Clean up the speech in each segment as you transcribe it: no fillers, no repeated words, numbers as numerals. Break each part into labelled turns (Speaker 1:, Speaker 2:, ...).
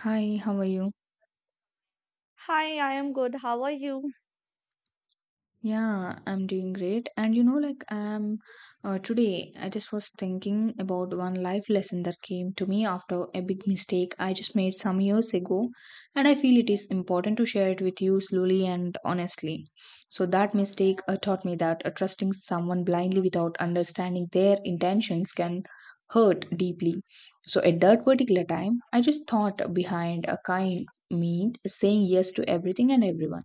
Speaker 1: Hi, how are you?
Speaker 2: Hi, I am good. How are you?
Speaker 1: Yeah, I'm doing great. And you know, like I'm Today, I just was thinking about one life lesson that came to me after a big mistake I just made some years ago. And I feel it is important to share it with you slowly and honestly. So, that mistake taught me that trusting someone blindly without understanding their intentions can hurt deeply. So, at that particular time, I just thought behind a kind meant saying yes to everything and everyone,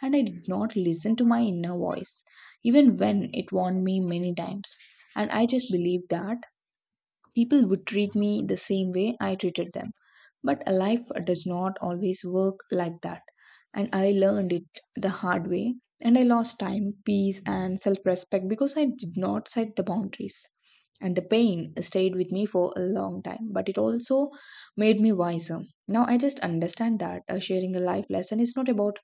Speaker 1: and I did not listen to my inner voice, even when it warned me many times. And I just believed that people would treat me the same way I treated them. But life does not always work like that. And I learned it the hard way. And I lost time, peace, and self respect because I did not set the boundaries, and the pain stayed with me for a long time, but it also made me wiser. Now I just understand that sharing a life lesson is not about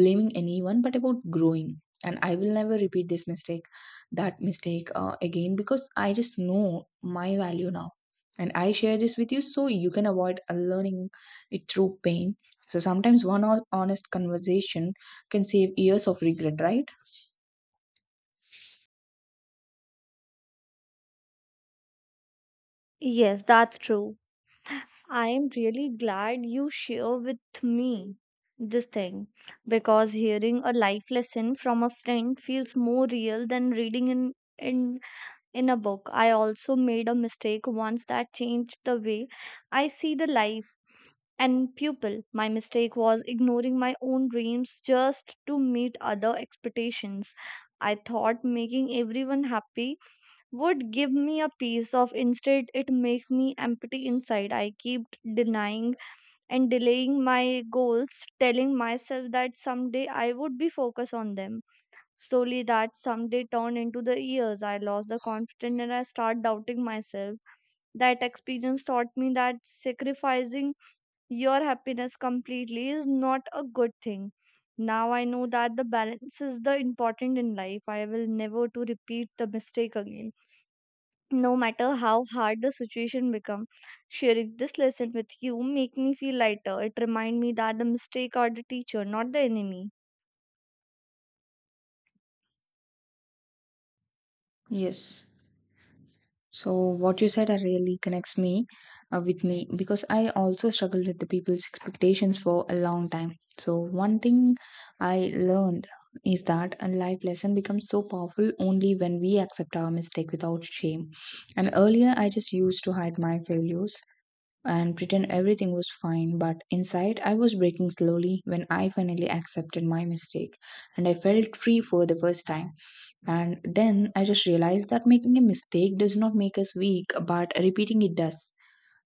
Speaker 1: blaming anyone but about growing, and I will never repeat this mistake that mistake again because I just know my value now. And I share this with you so you can avoid learning it through pain. So sometimes one honest conversation can save years of regret, right?
Speaker 2: Yes, that's true. I am really glad you share with me this thing because hearing a life lesson from a friend feels more real than reading in in a book. I also made a mistake once that changed the way I see the life and pupil. My mistake was ignoring my own dreams just to meet other expectations. I thought making everyone happy would give me a piece of instead it makes me empty inside. I keep denying and delaying my goals, telling myself that someday I would be focused on them slowly. That someday turned into the years. I lost the confidence and I start doubting myself. That experience taught me that sacrificing your happiness completely is not a good thing. Now I know that the balance is the important in life. I will never to repeat the mistake again, no matter how hard the situation become. Sharing this lesson with you make me feel lighter. It remind me that the mistake are the teacher, not the enemy.
Speaker 1: Yes. So what you said really connects me with me because I also struggled with the people's expectations for a long time. So one thing I learned is that a life lesson becomes so powerful only when we accept our mistake without shame. And earlier I just used to hide my failures and pretend everything was fine, but inside I was breaking slowly. When I finally accepted my mistake, and I felt free for the first time. And then I just realized that making a mistake does not make us weak, but repeating it does.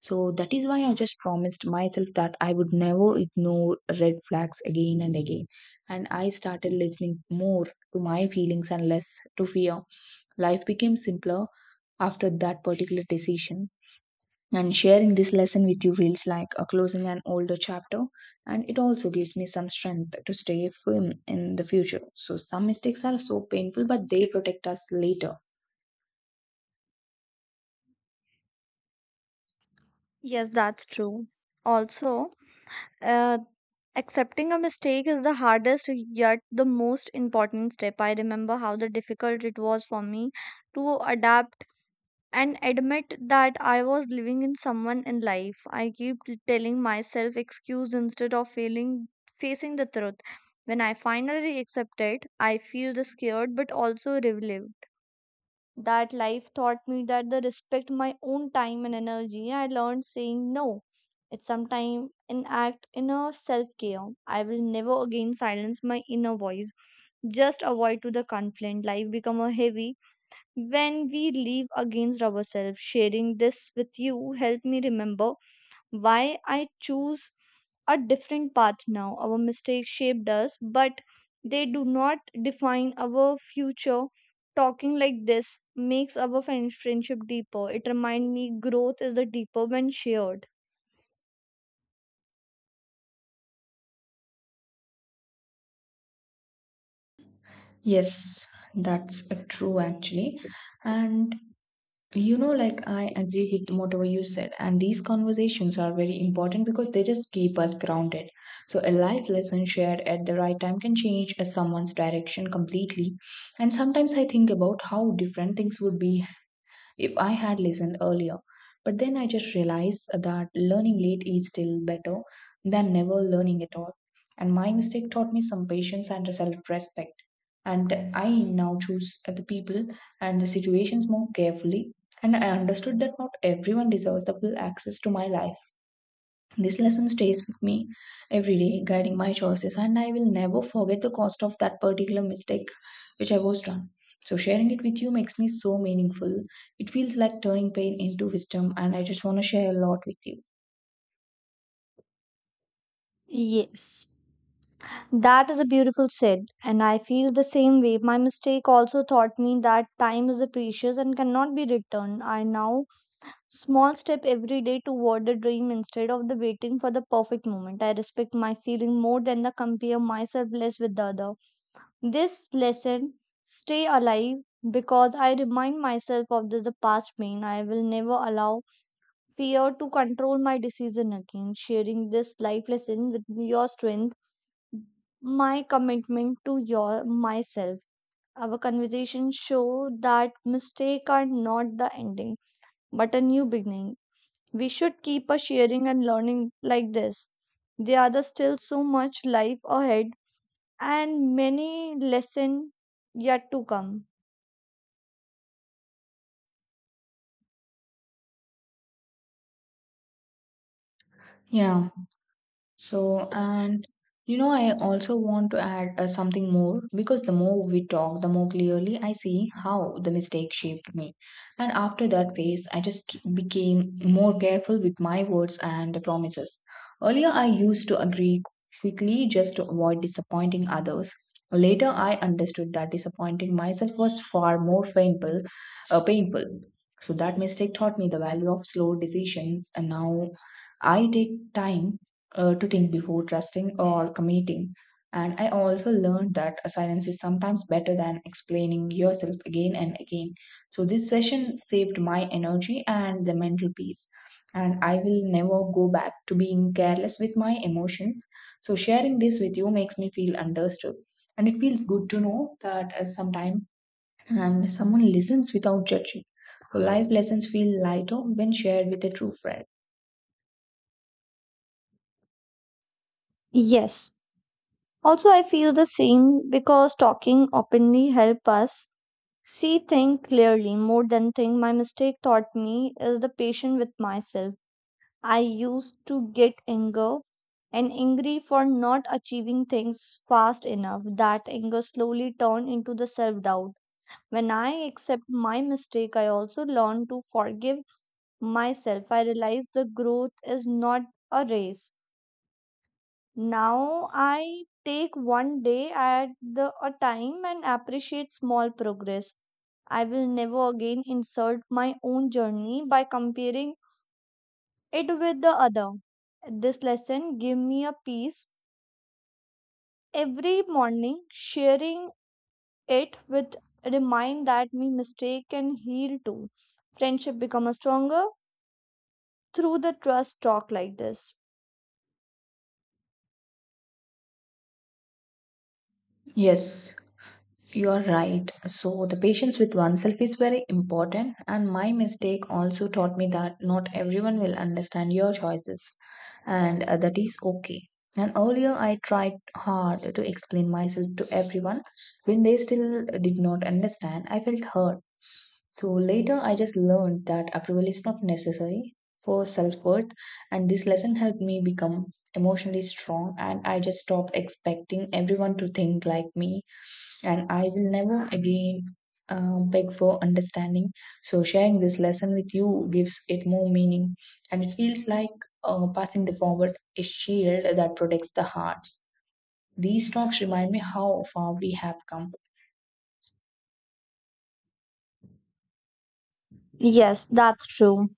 Speaker 1: So that is why I just promised myself that I would never ignore red flags again and again. And I started listening more to my feelings and less to fear. Life became simpler after that particular decision. And sharing this lesson with you feels like a closing an older chapter, and it also gives me some strength to stay firm in the future. So, some mistakes are so painful, but they protect us later.
Speaker 2: Yes, that's true. Also, uh, accepting a mistake is the hardest yet the most important step. I remember how the difficult it was for me to adapt and admit that I was living in someone in life. I keep telling myself excuse instead of feeling facing the truth. When I finally accept it, I feel the scared but also relieved. That life taught me that the respect my own time and energy. I learned saying no. It's sometimes an act in a self care. I will never again silence my inner voice. Just avoid to the conflict. Life become a heavy when we leave against ourselves. Sharing this with you helped me remember why I choose a different path now. Our mistakes shaped us, but they do not define our future. Talking like this makes our friendship deeper. It reminds me growth is the deeper when shared.
Speaker 1: Yes, that's true actually. And you know, like I agree with whatever you said, and these conversations are very important because they just keep us grounded. So, a life lesson shared at the right time can change someone's direction completely. And sometimes I think about how different things would be if I had listened earlier. But then I just realized that learning late is still better than never learning at all. And my mistake taught me some patience and self respect. And I now choose the people and the situations more carefully. And I understood that not everyone deserves the full access to my life. This lesson stays with me every day, guiding my choices, and I will never forget the cost of that particular mistake which I was done. So, sharing it with you makes me so meaningful. It feels like turning pain into wisdom, and I just want to share a lot with you.
Speaker 2: Yes, that is a beautiful said, and I feel the same way. My mistake also taught me that time is a precious and cannot be returned. I now small step every day toward the dream instead of the waiting for the perfect moment. I respect my feeling more than the compare myself less with the other. This lesson stay alive because I remind myself of the past pain. I will never allow fear to control my decision again. Sharing this life lesson with your strength, my commitment to your myself. Our conversation show that mistake are not the ending, but a new beginning. We should keep a sharing and learning like this. There are still so much life ahead and many lessons yet to come.
Speaker 1: Yeah. So, and you know, I also want to add something more because the more we talk, the more clearly I see how the mistake shaped me. And after that phase, I just became more careful with my words and the promises. Earlier, I used to agree quickly just to avoid disappointing others. Later, I understood that disappointing myself was far more painful. So that mistake taught me the value of slow decisions, and now I take time to think before trusting or committing. And I also learned that silence is sometimes better than explaining yourself again and again. So this session saved my energy and the mental peace. And I will never go back to being careless with my emotions. So sharing this with you makes me feel understood. And it feels good to know that sometime and someone listens without judging. So life lessons feel lighter when shared with a true friend.
Speaker 2: Yes. Also, I feel the same because talking openly help us see things clearly more than think. My mistake taught me is the patient with myself. I used to get anger and angry for not achieving things fast enough. That anger slowly turned into the self doubt. When I accept my mistake, I also learn to forgive myself. I realize the growth is not a race. Now I take one day at a time and appreciate small progress. I will never again insult my own journey by comparing it with the other. This lesson give me a peace every morning, sharing it with remind that me mistake can heal too. Friendship become a stronger through the trust talk like this.
Speaker 1: Yes, you are right. So, the patience with oneself is very important, and my mistake also taught me that not everyone will understand your choices, and that is okay. And earlier, I tried hard to explain myself to everyone. When they still did not understand, I felt hurt. So later, I just learned that approval is not necessary for self worth, and this lesson helped me become emotionally strong. And I just stopped expecting everyone to think like me, and I will never again beg for understanding. So, sharing this lesson with you gives it more meaning, and it feels like passing the forward a shield that protects the heart. These talks remind me how far we have come.
Speaker 2: Yes, that's true.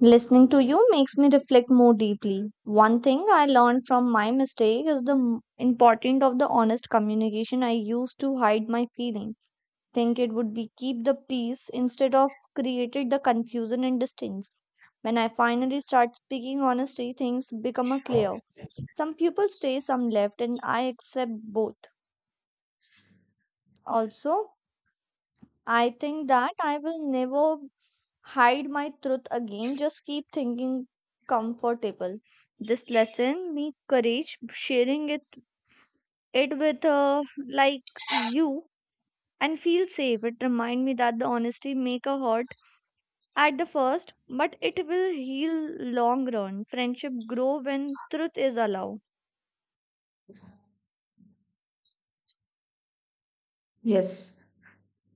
Speaker 2: Listening to you makes me reflect more deeply. One thing I learned from my mistake is the importance of the honest communication. I used to hide my feeling, think it would be keep the peace instead of created the confusion and distance. When I finally start speaking honestly, things become a clear. Some people stay, some left, and I accept both. Also, I think that I will never hide my truth again, just keep thinking comfortable. This lesson me courage sharing it with like you and feel safe. It remind me that the honesty make a hurt at the first, but it will heal long run. Friendship grow when truth is allowed.
Speaker 1: Yes.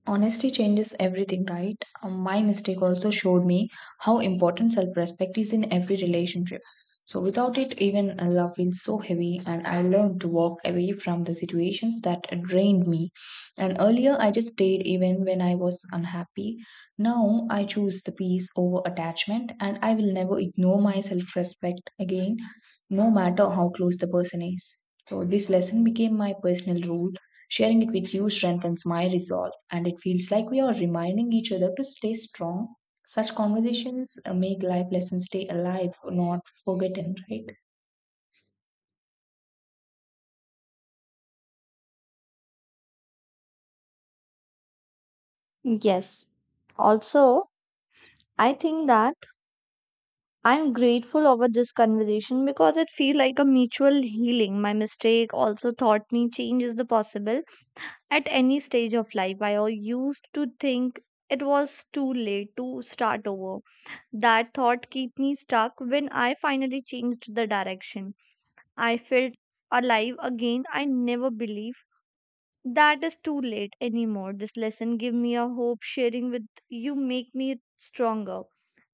Speaker 1: Honesty changes everything, right? My mistake also showed me how important self respect is in every relationship. So, without it, even love feels so heavy, and I learned to walk away from the situations that drained me. And earlier, I just stayed even when I was unhappy. Now, I choose the peace over attachment, and I will never ignore my self respect again, no matter how close the person is. So, this lesson became my personal rule. Sharing it with you strengthens my resolve, and it feels like we are reminding each other to stay strong. Such conversations make life lessons stay alive, not forgotten, right?
Speaker 2: Yes. Also, I think that I'm grateful over this conversation because it feel like a mutual healing. My mistake also taught me change is the possible at any stage of life. I used to think it was too late to start over. That thought kept me stuck. When I finally changed the direction, I felt alive again. I never believe that is too late anymore. This lesson gave me a hope. Sharing with you make me stronger.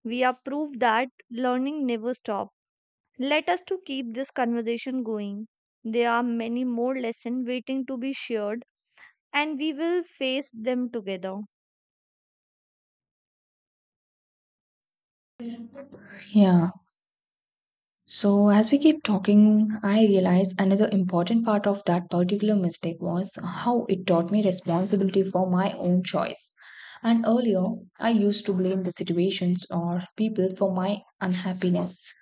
Speaker 2: We are proof that learning never stops. Let us to keep this conversation going. There are many more lessons waiting to be shared and we will face them together.
Speaker 1: Yeah. So, as we keep talking, I realize another important part of that particular mistake was how it taught me responsibility for my own choice. And earlier, I used to blame the situations or people for my unhappiness.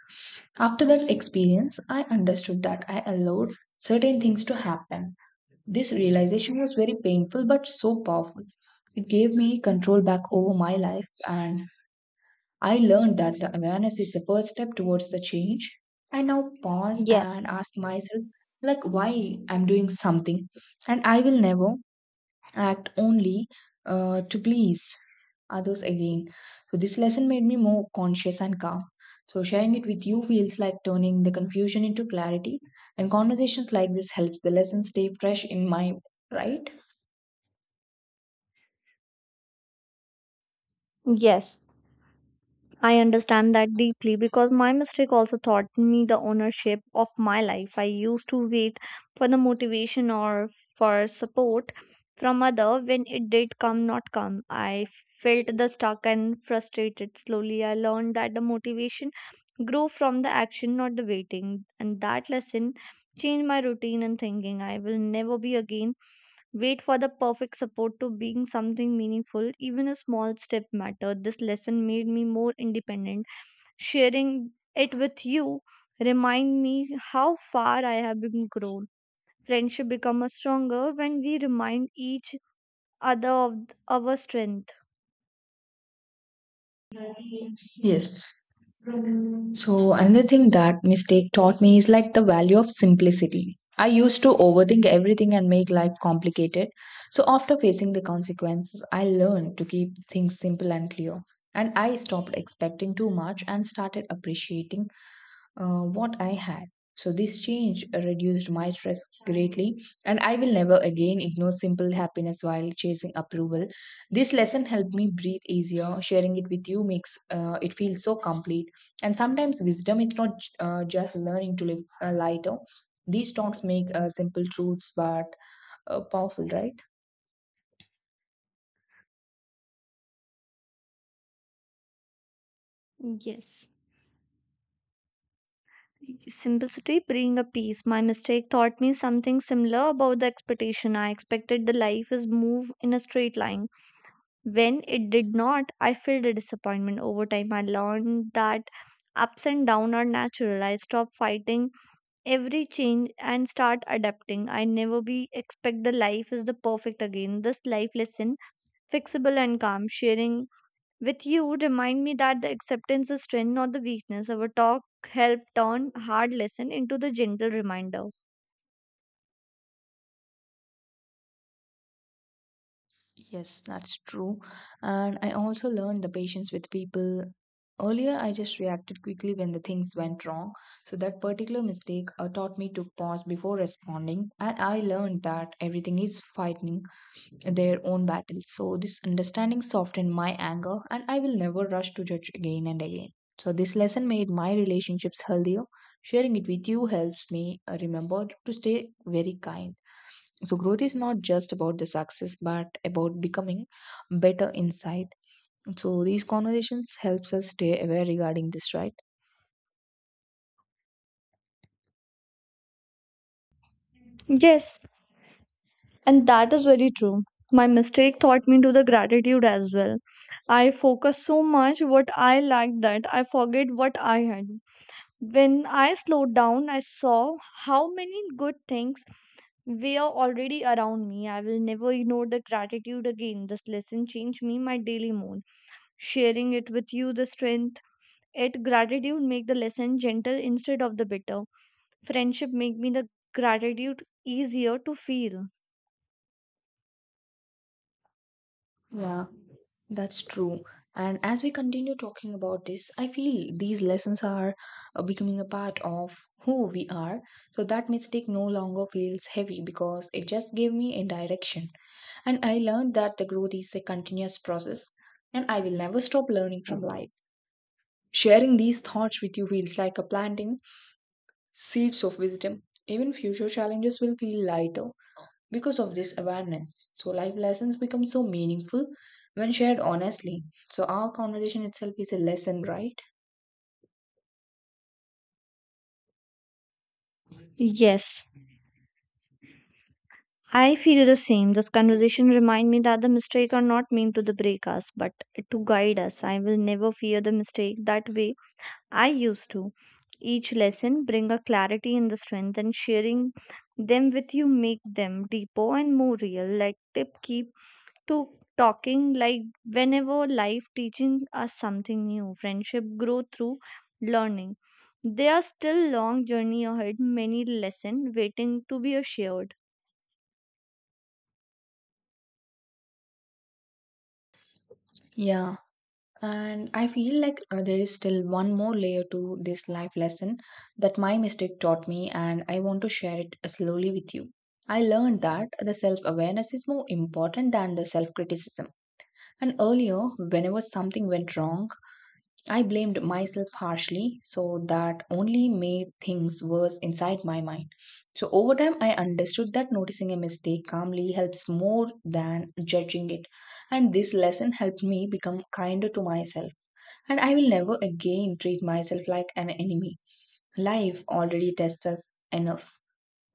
Speaker 1: After that experience, I understood that I allowed certain things to happen. This realization was very painful but so powerful. It gave me control back over my life, and I learned that the awareness is the first step towards the change. I now pause
Speaker 2: Yes,
Speaker 1: and ask myself, like, why I'm doing something, and I will never act only to please others again. So, this lesson made me more conscious and calm. So, sharing it with you feels like turning the confusion into clarity, and conversations like this helps the lesson stay fresh in mind, right?
Speaker 2: yes, I understand that deeply because my mistake also taught me the ownership of my life. I used to wait for the motivation or for support from other when it did come not come. I felt the stuck and frustrated slowly. I learned that the motivation grew from the action not the waiting, and that lesson changed my routine and thinking. I will never be again wait for the perfect support to being something meaningful. Even a small step mattered. This lesson made me more independent. Sharing it with you remind me how far I have been grown. Friendship become a stronger when we remind each other of our strength.
Speaker 1: Yes. So another thing that mistake taught me is like the value of simplicity. I used to overthink everything and make life complicated. So after facing the consequences, I learned to keep things simple and clear. And I stopped expecting too much and started appreciating what I had. So, this change reduced my stress greatly, and I will never again ignore simple happiness while chasing approval. This lesson helped me breathe easier. Sharing it with you makes it feel so complete. And sometimes wisdom is not just learning to live lighter. These talks make simple truths but powerful, right?
Speaker 2: Yes, simplicity bring a peace. My mistake taught me something similar about the expectation. I expected the life is move in a straight line. When it did not, I felt the disappointment. Over time, I learned that ups and downs are natural. I stopped fighting every change and start adapting. I never be expect the life is the perfect again. This life lesson, fixable and calm, sharing with you remind me that the acceptance is strength, not the weakness. Our talk helped turn hard lesson into the gentle reminder.
Speaker 1: Yes, that's true. And I also learned the patience with people. Earlier, I just reacted quickly when the things went wrong. So, that particular mistake taught me to pause before responding. And I learned that everything is fighting their own battles. So, this understanding softened my anger, and I will never rush to judge again and again. So, this lesson made my relationships healthier. Sharing it with you helps me remember to stay very kind. So growth is not just about the success, but about becoming better inside. So these conversations helps us stay aware regarding this, right?
Speaker 2: Yes, and that is very true. My mistake taught me to the gratitude as well. I focus so much what I lacked that I forget what I had. When I slowed down, I saw how many good things were already around me. I will never ignore the gratitude again. This lesson changed me my daily mood. Sharing it with you, the strength. It gratitude make the lesson gentle instead of the bitter. Friendship make me the gratitude easier to feel.
Speaker 1: Yeah, that's true. And as we continue talking about this, I feel these lessons are becoming a part of who we are. So that mistake no longer feels heavy because it just gave me a direction. And I learned that the growth is a continuous process, and I will never stop learning from life. Sharing these thoughts with you feels like a planting seeds of wisdom. Even future challenges will feel lighter because of this awareness. So, life lessons become so meaningful when shared honestly. So, our conversation itself is a lesson, right?
Speaker 2: Yes, I feel the same. This conversation remind me that the mistake are not meant to the break us, but to guide us. I will never fear the mistake that way I used to. Each lesson bring a clarity and the strength, and sharing them with you make them deeper and more real. Let tip keep to talking like whenever life teaching us something new. Friendship grow through learning. There are still long journey ahead, many lesson waiting to be shared.
Speaker 1: Yeah, and I feel like there is still one more layer to this life lesson that my mistake taught me, and I want to share it slowly with you. I learned that the self awareness is more important than the self criticism. And earlier, whenever something went wrong, I blamed myself harshly, so that only made things worse inside my mind. So, over time, I understood that noticing a mistake calmly helps more than judging it. And this lesson helped me become kinder to myself, and I will never again treat myself like an enemy. Life already tests us enough.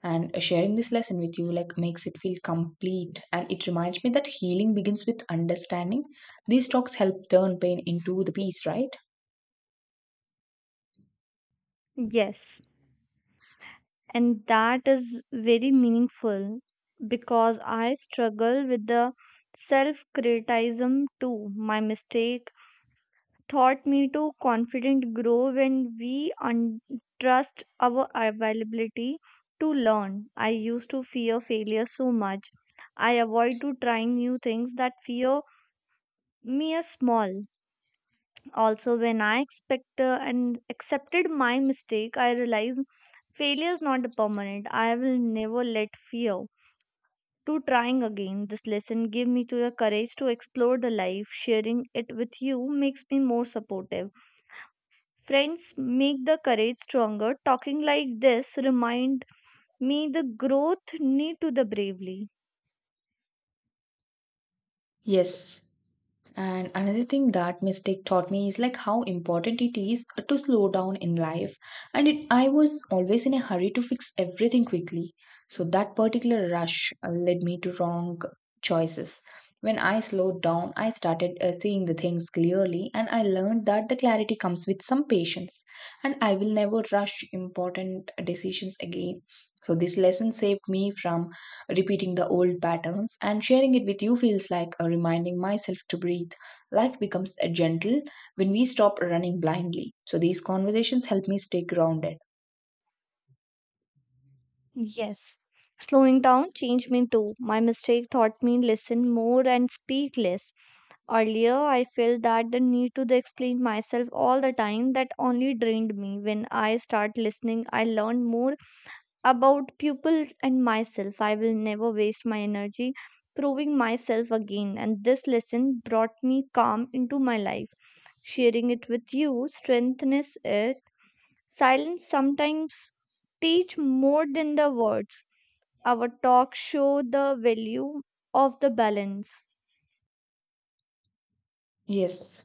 Speaker 1: And sharing this lesson with you like makes it feel complete, and it reminds me that healing begins with understanding. These talks help turn pain into the peace, right?
Speaker 2: Yes, and that is very meaningful because I struggle with the self criticism too. My mistake taught me to confident grow when we trust our availability to learn. I used to fear failure so much. I avoid to try new things that fear me as small. Also, when I expect and accepted my mistake, I realize failure is not permanent. I will never let fear to trying again. This lesson gave me to the courage to explore the life. Sharing it with you makes me more supportive. Friends make the courage stronger. Talking like this remind me the growth need to the bravely.
Speaker 1: Yes. And another thing that mistake taught me is like how important it is to slow down in life. And it, I was always in a hurry to fix everything quickly. So that particular rush led me to wrong choices. When I slowed down, I started seeing the things clearly, and I learned that the clarity comes with some patience. And I will never rush important decisions again. So this lesson saved me from repeating the old patterns, and sharing it with you feels like a reminding myself to breathe. Life becomes a gentle when we stop running blindly. So these conversations help me stay grounded.
Speaker 2: Yes. Slowing down changed me too. My mistake taught me listen more and speak less. Earlier, I felt that the need to the explain myself all the time that only drained me. When I start listening, I learned more about people and myself. I will never waste my energy proving myself again. And this lesson brought me calm into my life. Sharing it with you strengthens it. Silence sometimes teach more than the words. Our talks show the value of the balance.
Speaker 1: Yes.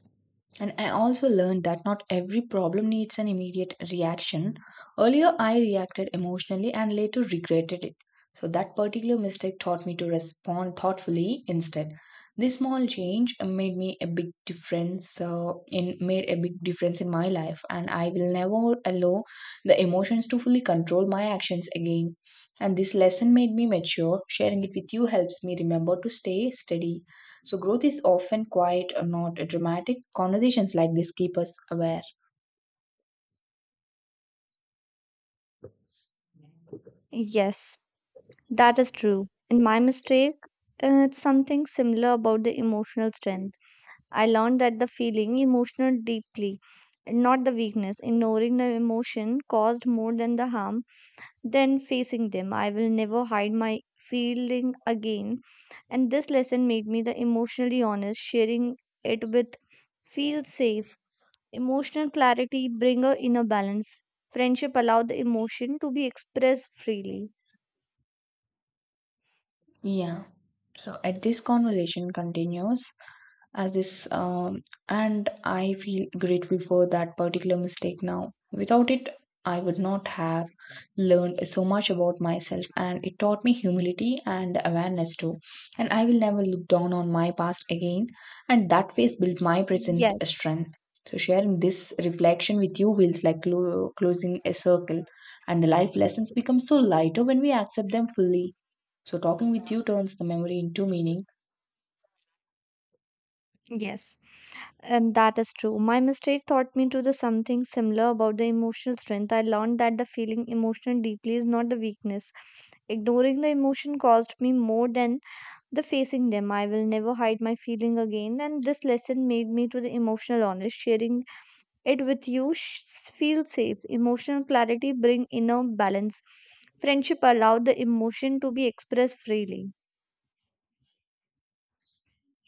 Speaker 1: And I also learned that not every problem needs an immediate reaction. Earlier, I reacted emotionally and later regretted it. So, that particular mistake taught me to respond thoughtfully instead. This small change made me a big difference in made a big difference in my life, and I will never allow the emotions to fully control my actions again. And this lesson made me mature. Sharing it with you helps me remember to stay steady. So growth is often quiet or not dramatic. Conversations like this keep us aware.
Speaker 2: Yes, that is true. In my mistake, it's something similar about the emotional strength. I learned that the feeling emotional deeply, not the weakness. Ignoring the emotion caused more than the harm than facing them. I will never hide my feeling again. And this lesson made me the emotionally honest, sharing it with feel safe. Emotional clarity bring a inner balance. Friendship allow the emotion to be expressed freely.
Speaker 1: Yeah. So at this conversation continues. As this And I feel grateful for that particular mistake now. Without it, I would not have learned so much about myself, and it taught me humility and awareness too. And I will never look down on my past again, and that phase built my present
Speaker 2: Yes.
Speaker 1: strength. So sharing this reflection with you feels like closing a circle, and the life lessons become so lighter when we accept them fully. So talking with you turns the memory into meaning.
Speaker 2: Yes. And that is true. My mistake taught me to the something similar about the emotional strength. I learned that the feeling emotional deeply is not the weakness. Ignoring the emotion caused me more than the facing them. I will never hide my feeling again, and this lesson made me to the emotional honest. Sharing it with you feel safe. Emotional clarity bring inner balance. Friendship allow the emotion to be expressed freely.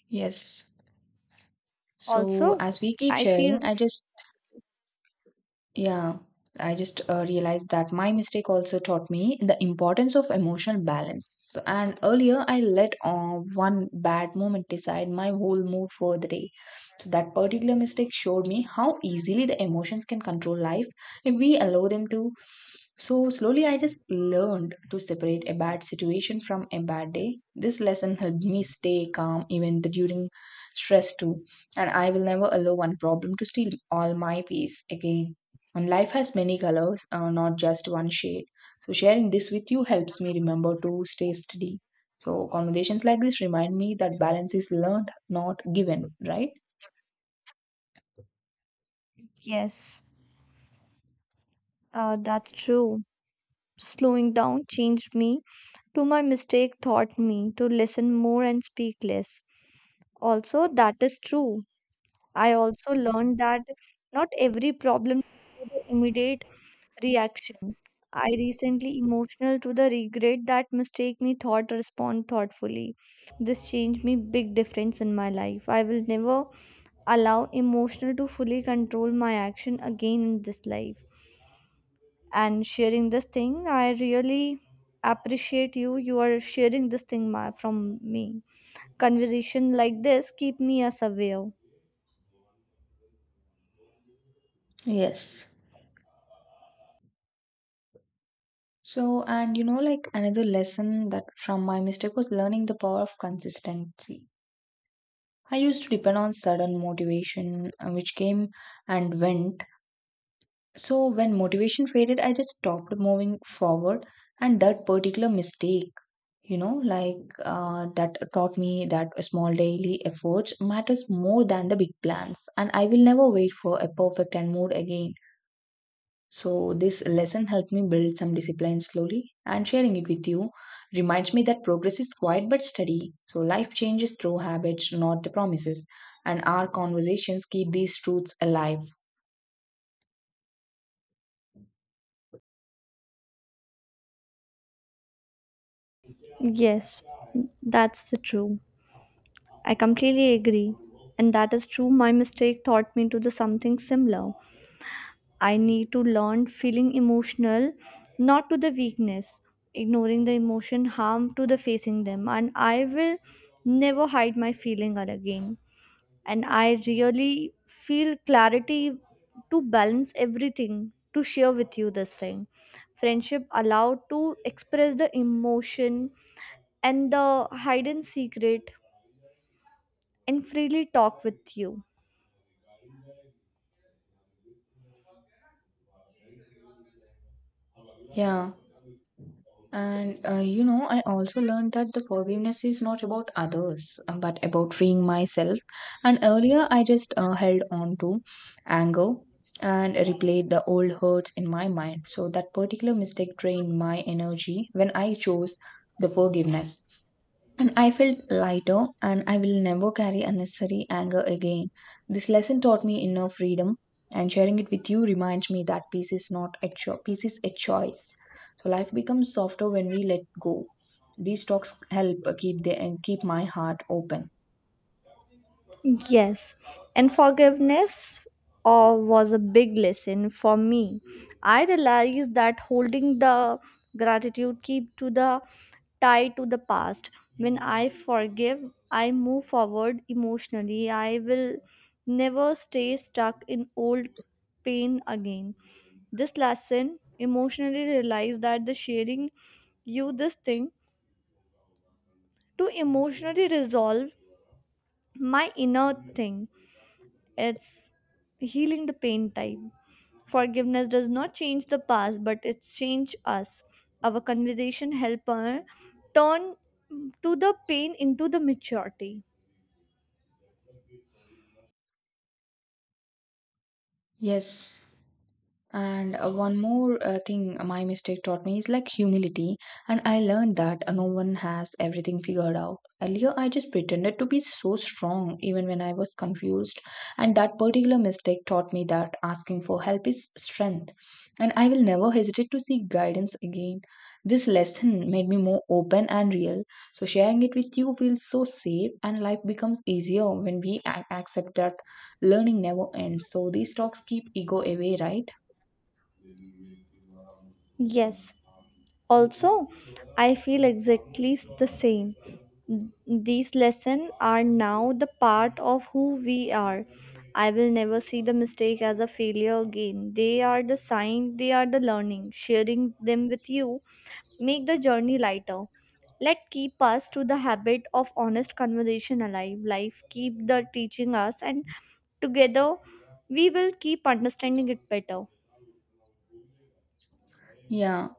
Speaker 1: Yes. So,
Speaker 2: Also,
Speaker 1: as we keep
Speaker 2: I feel
Speaker 1: sharing, I
Speaker 2: this.
Speaker 1: just yeah, I just realized that my mistake also taught me the importance of emotional balance. And earlier, I let one bad moment decide my whole mood for the day. So, that particular mistake showed me how easily the emotions can control life if we allow them to. So, slowly, I just learned to separate a bad situation from a bad day. This lesson helped me stay calm even during stress, too. And I will never allow one problem to steal all my peace again. And life has many colors, not just one shade. So sharing this with you helps me remember to stay steady. So conversations like this remind me that balance is learned, not given, right?
Speaker 2: Yes, that's true. Slowing down changed me to. My mistake taught me to listen more and speak less. Also, that is true. I also learned that not every problem needs immediate reaction. I recently emotional to the regret that mistake me thought respond thoughtfully. This changed me big difference in my life. I will never allow emotional to fully control my action again in this life. And sharing this thing, I really appreciate you. You are sharing this thing from me. Conversation like this keep me as aware.
Speaker 1: Yes. So, and you know, like another lesson that from my mistake was learning the power of consistency. I used to depend on sudden motivation, which came and went. So, when motivation faded, I just stopped moving forward, and that particular mistake you know like that taught me that small daily efforts matters more than the big plans, and I will never wait for a perfect and mood again. So this lesson helped me build some discipline slowly, and sharing it with you reminds me that progress is quiet but steady. So life changes through habits, not the promises, and our conversations keep these truths alive.
Speaker 2: Yes, that's the true. I completely agree. And that is true. My mistake taught me to do something similar. I need to learn feeling emotional, not to the weakness. Ignoring the emotion harm to the facing them. And I will never hide my feeling again. And I really feel clarity to balance everything, to share with you this thing. Friendship allowed to express the emotion and the hidden secret and freely talk with you.
Speaker 1: Yeah. And you know, I also learned that the forgiveness is not about others, but about freeing myself. And earlier, I just held on to anger and replayed the old hurts in my mind. So that particular mistake drained my energy. When I chose the forgiveness, and I felt lighter, and I will never carry unnecessary anger again. This lesson taught me inner freedom, and sharing it with you reminds me that peace is not a peace is a choice. So life becomes softer when we let go. These talks help keep the and keep my heart open.
Speaker 2: Yes, and forgiveness was a big lesson for me. I realized that holding the gratitude keep to the tie to the past. When I forgive, I move forward emotionally. I will never stay stuck in old pain again. This lesson emotionally realized that the sharing you this thing to emotionally resolve my inner thing. It's healing the pain type. Forgiveness does not change the past, but it's change us. Our conversation help her turn to the pain into the maturity.
Speaker 1: Yes. And one more thing my mistake taught me is like humility. And I learned that no one has everything figured out. Earlier, I just pretended to be so strong even when I was confused. And that particular mistake taught me that asking for help is strength. And I will never hesitate to seek guidance again. This lesson made me more open and real. So, sharing it with you feels so safe, and life becomes easier when we accept that learning never ends. So, these talks keep ego away, right?
Speaker 2: Yes, also, I feel exactly the same. These lessons are now the part of who we are. I will never see the mistake as a failure again. They are the sign, they are the learning. Sharing them with you make the journey lighter. Let keep us to the habit of honest conversation alive. Life keep the teaching us, and together we will keep understanding it better.
Speaker 1: Yeah,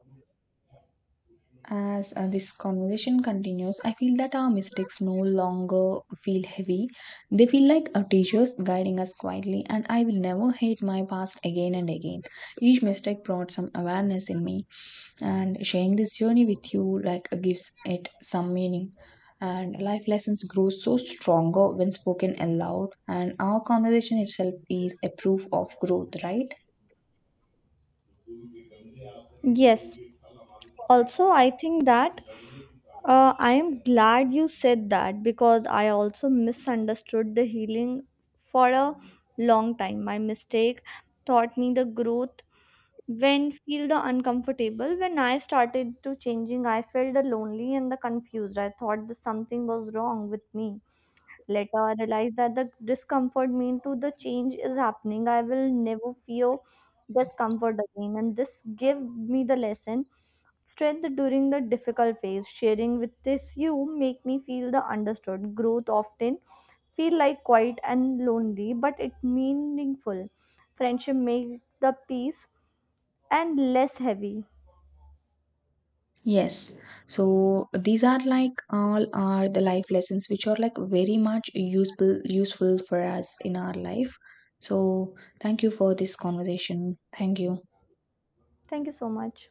Speaker 1: as this conversation continues, I feel that our mistakes no longer feel heavy. They feel like our teachers guiding us quietly, and I will never hate my past again and again. Each mistake brought some awareness in me, and sharing this journey with you like gives it some meaning. And life lessons grow so stronger when spoken aloud, and our conversation itself is a proof of growth, right?
Speaker 2: Yes. Also, I think that I am glad you said that because I also misunderstood the healing for a long time. My mistake taught me the growth when feel the uncomfortable. When I started to changing, I felt the lonely and the confused. I thought that something was wrong with me. Later I realized that the discomfort mean to the change is happening. I will never feel discomfort again, and this gave me the lesson strength during the difficult phase. Sharing with this you make me feel the understood. Growth often feel like quiet and lonely, but it meaningful. Friendship make the peace and less heavy.
Speaker 1: Yes. So these are like all are the life lessons which are like very much useful for us in our life. So thank you for this conversation. Thank you.
Speaker 2: Thank you so much.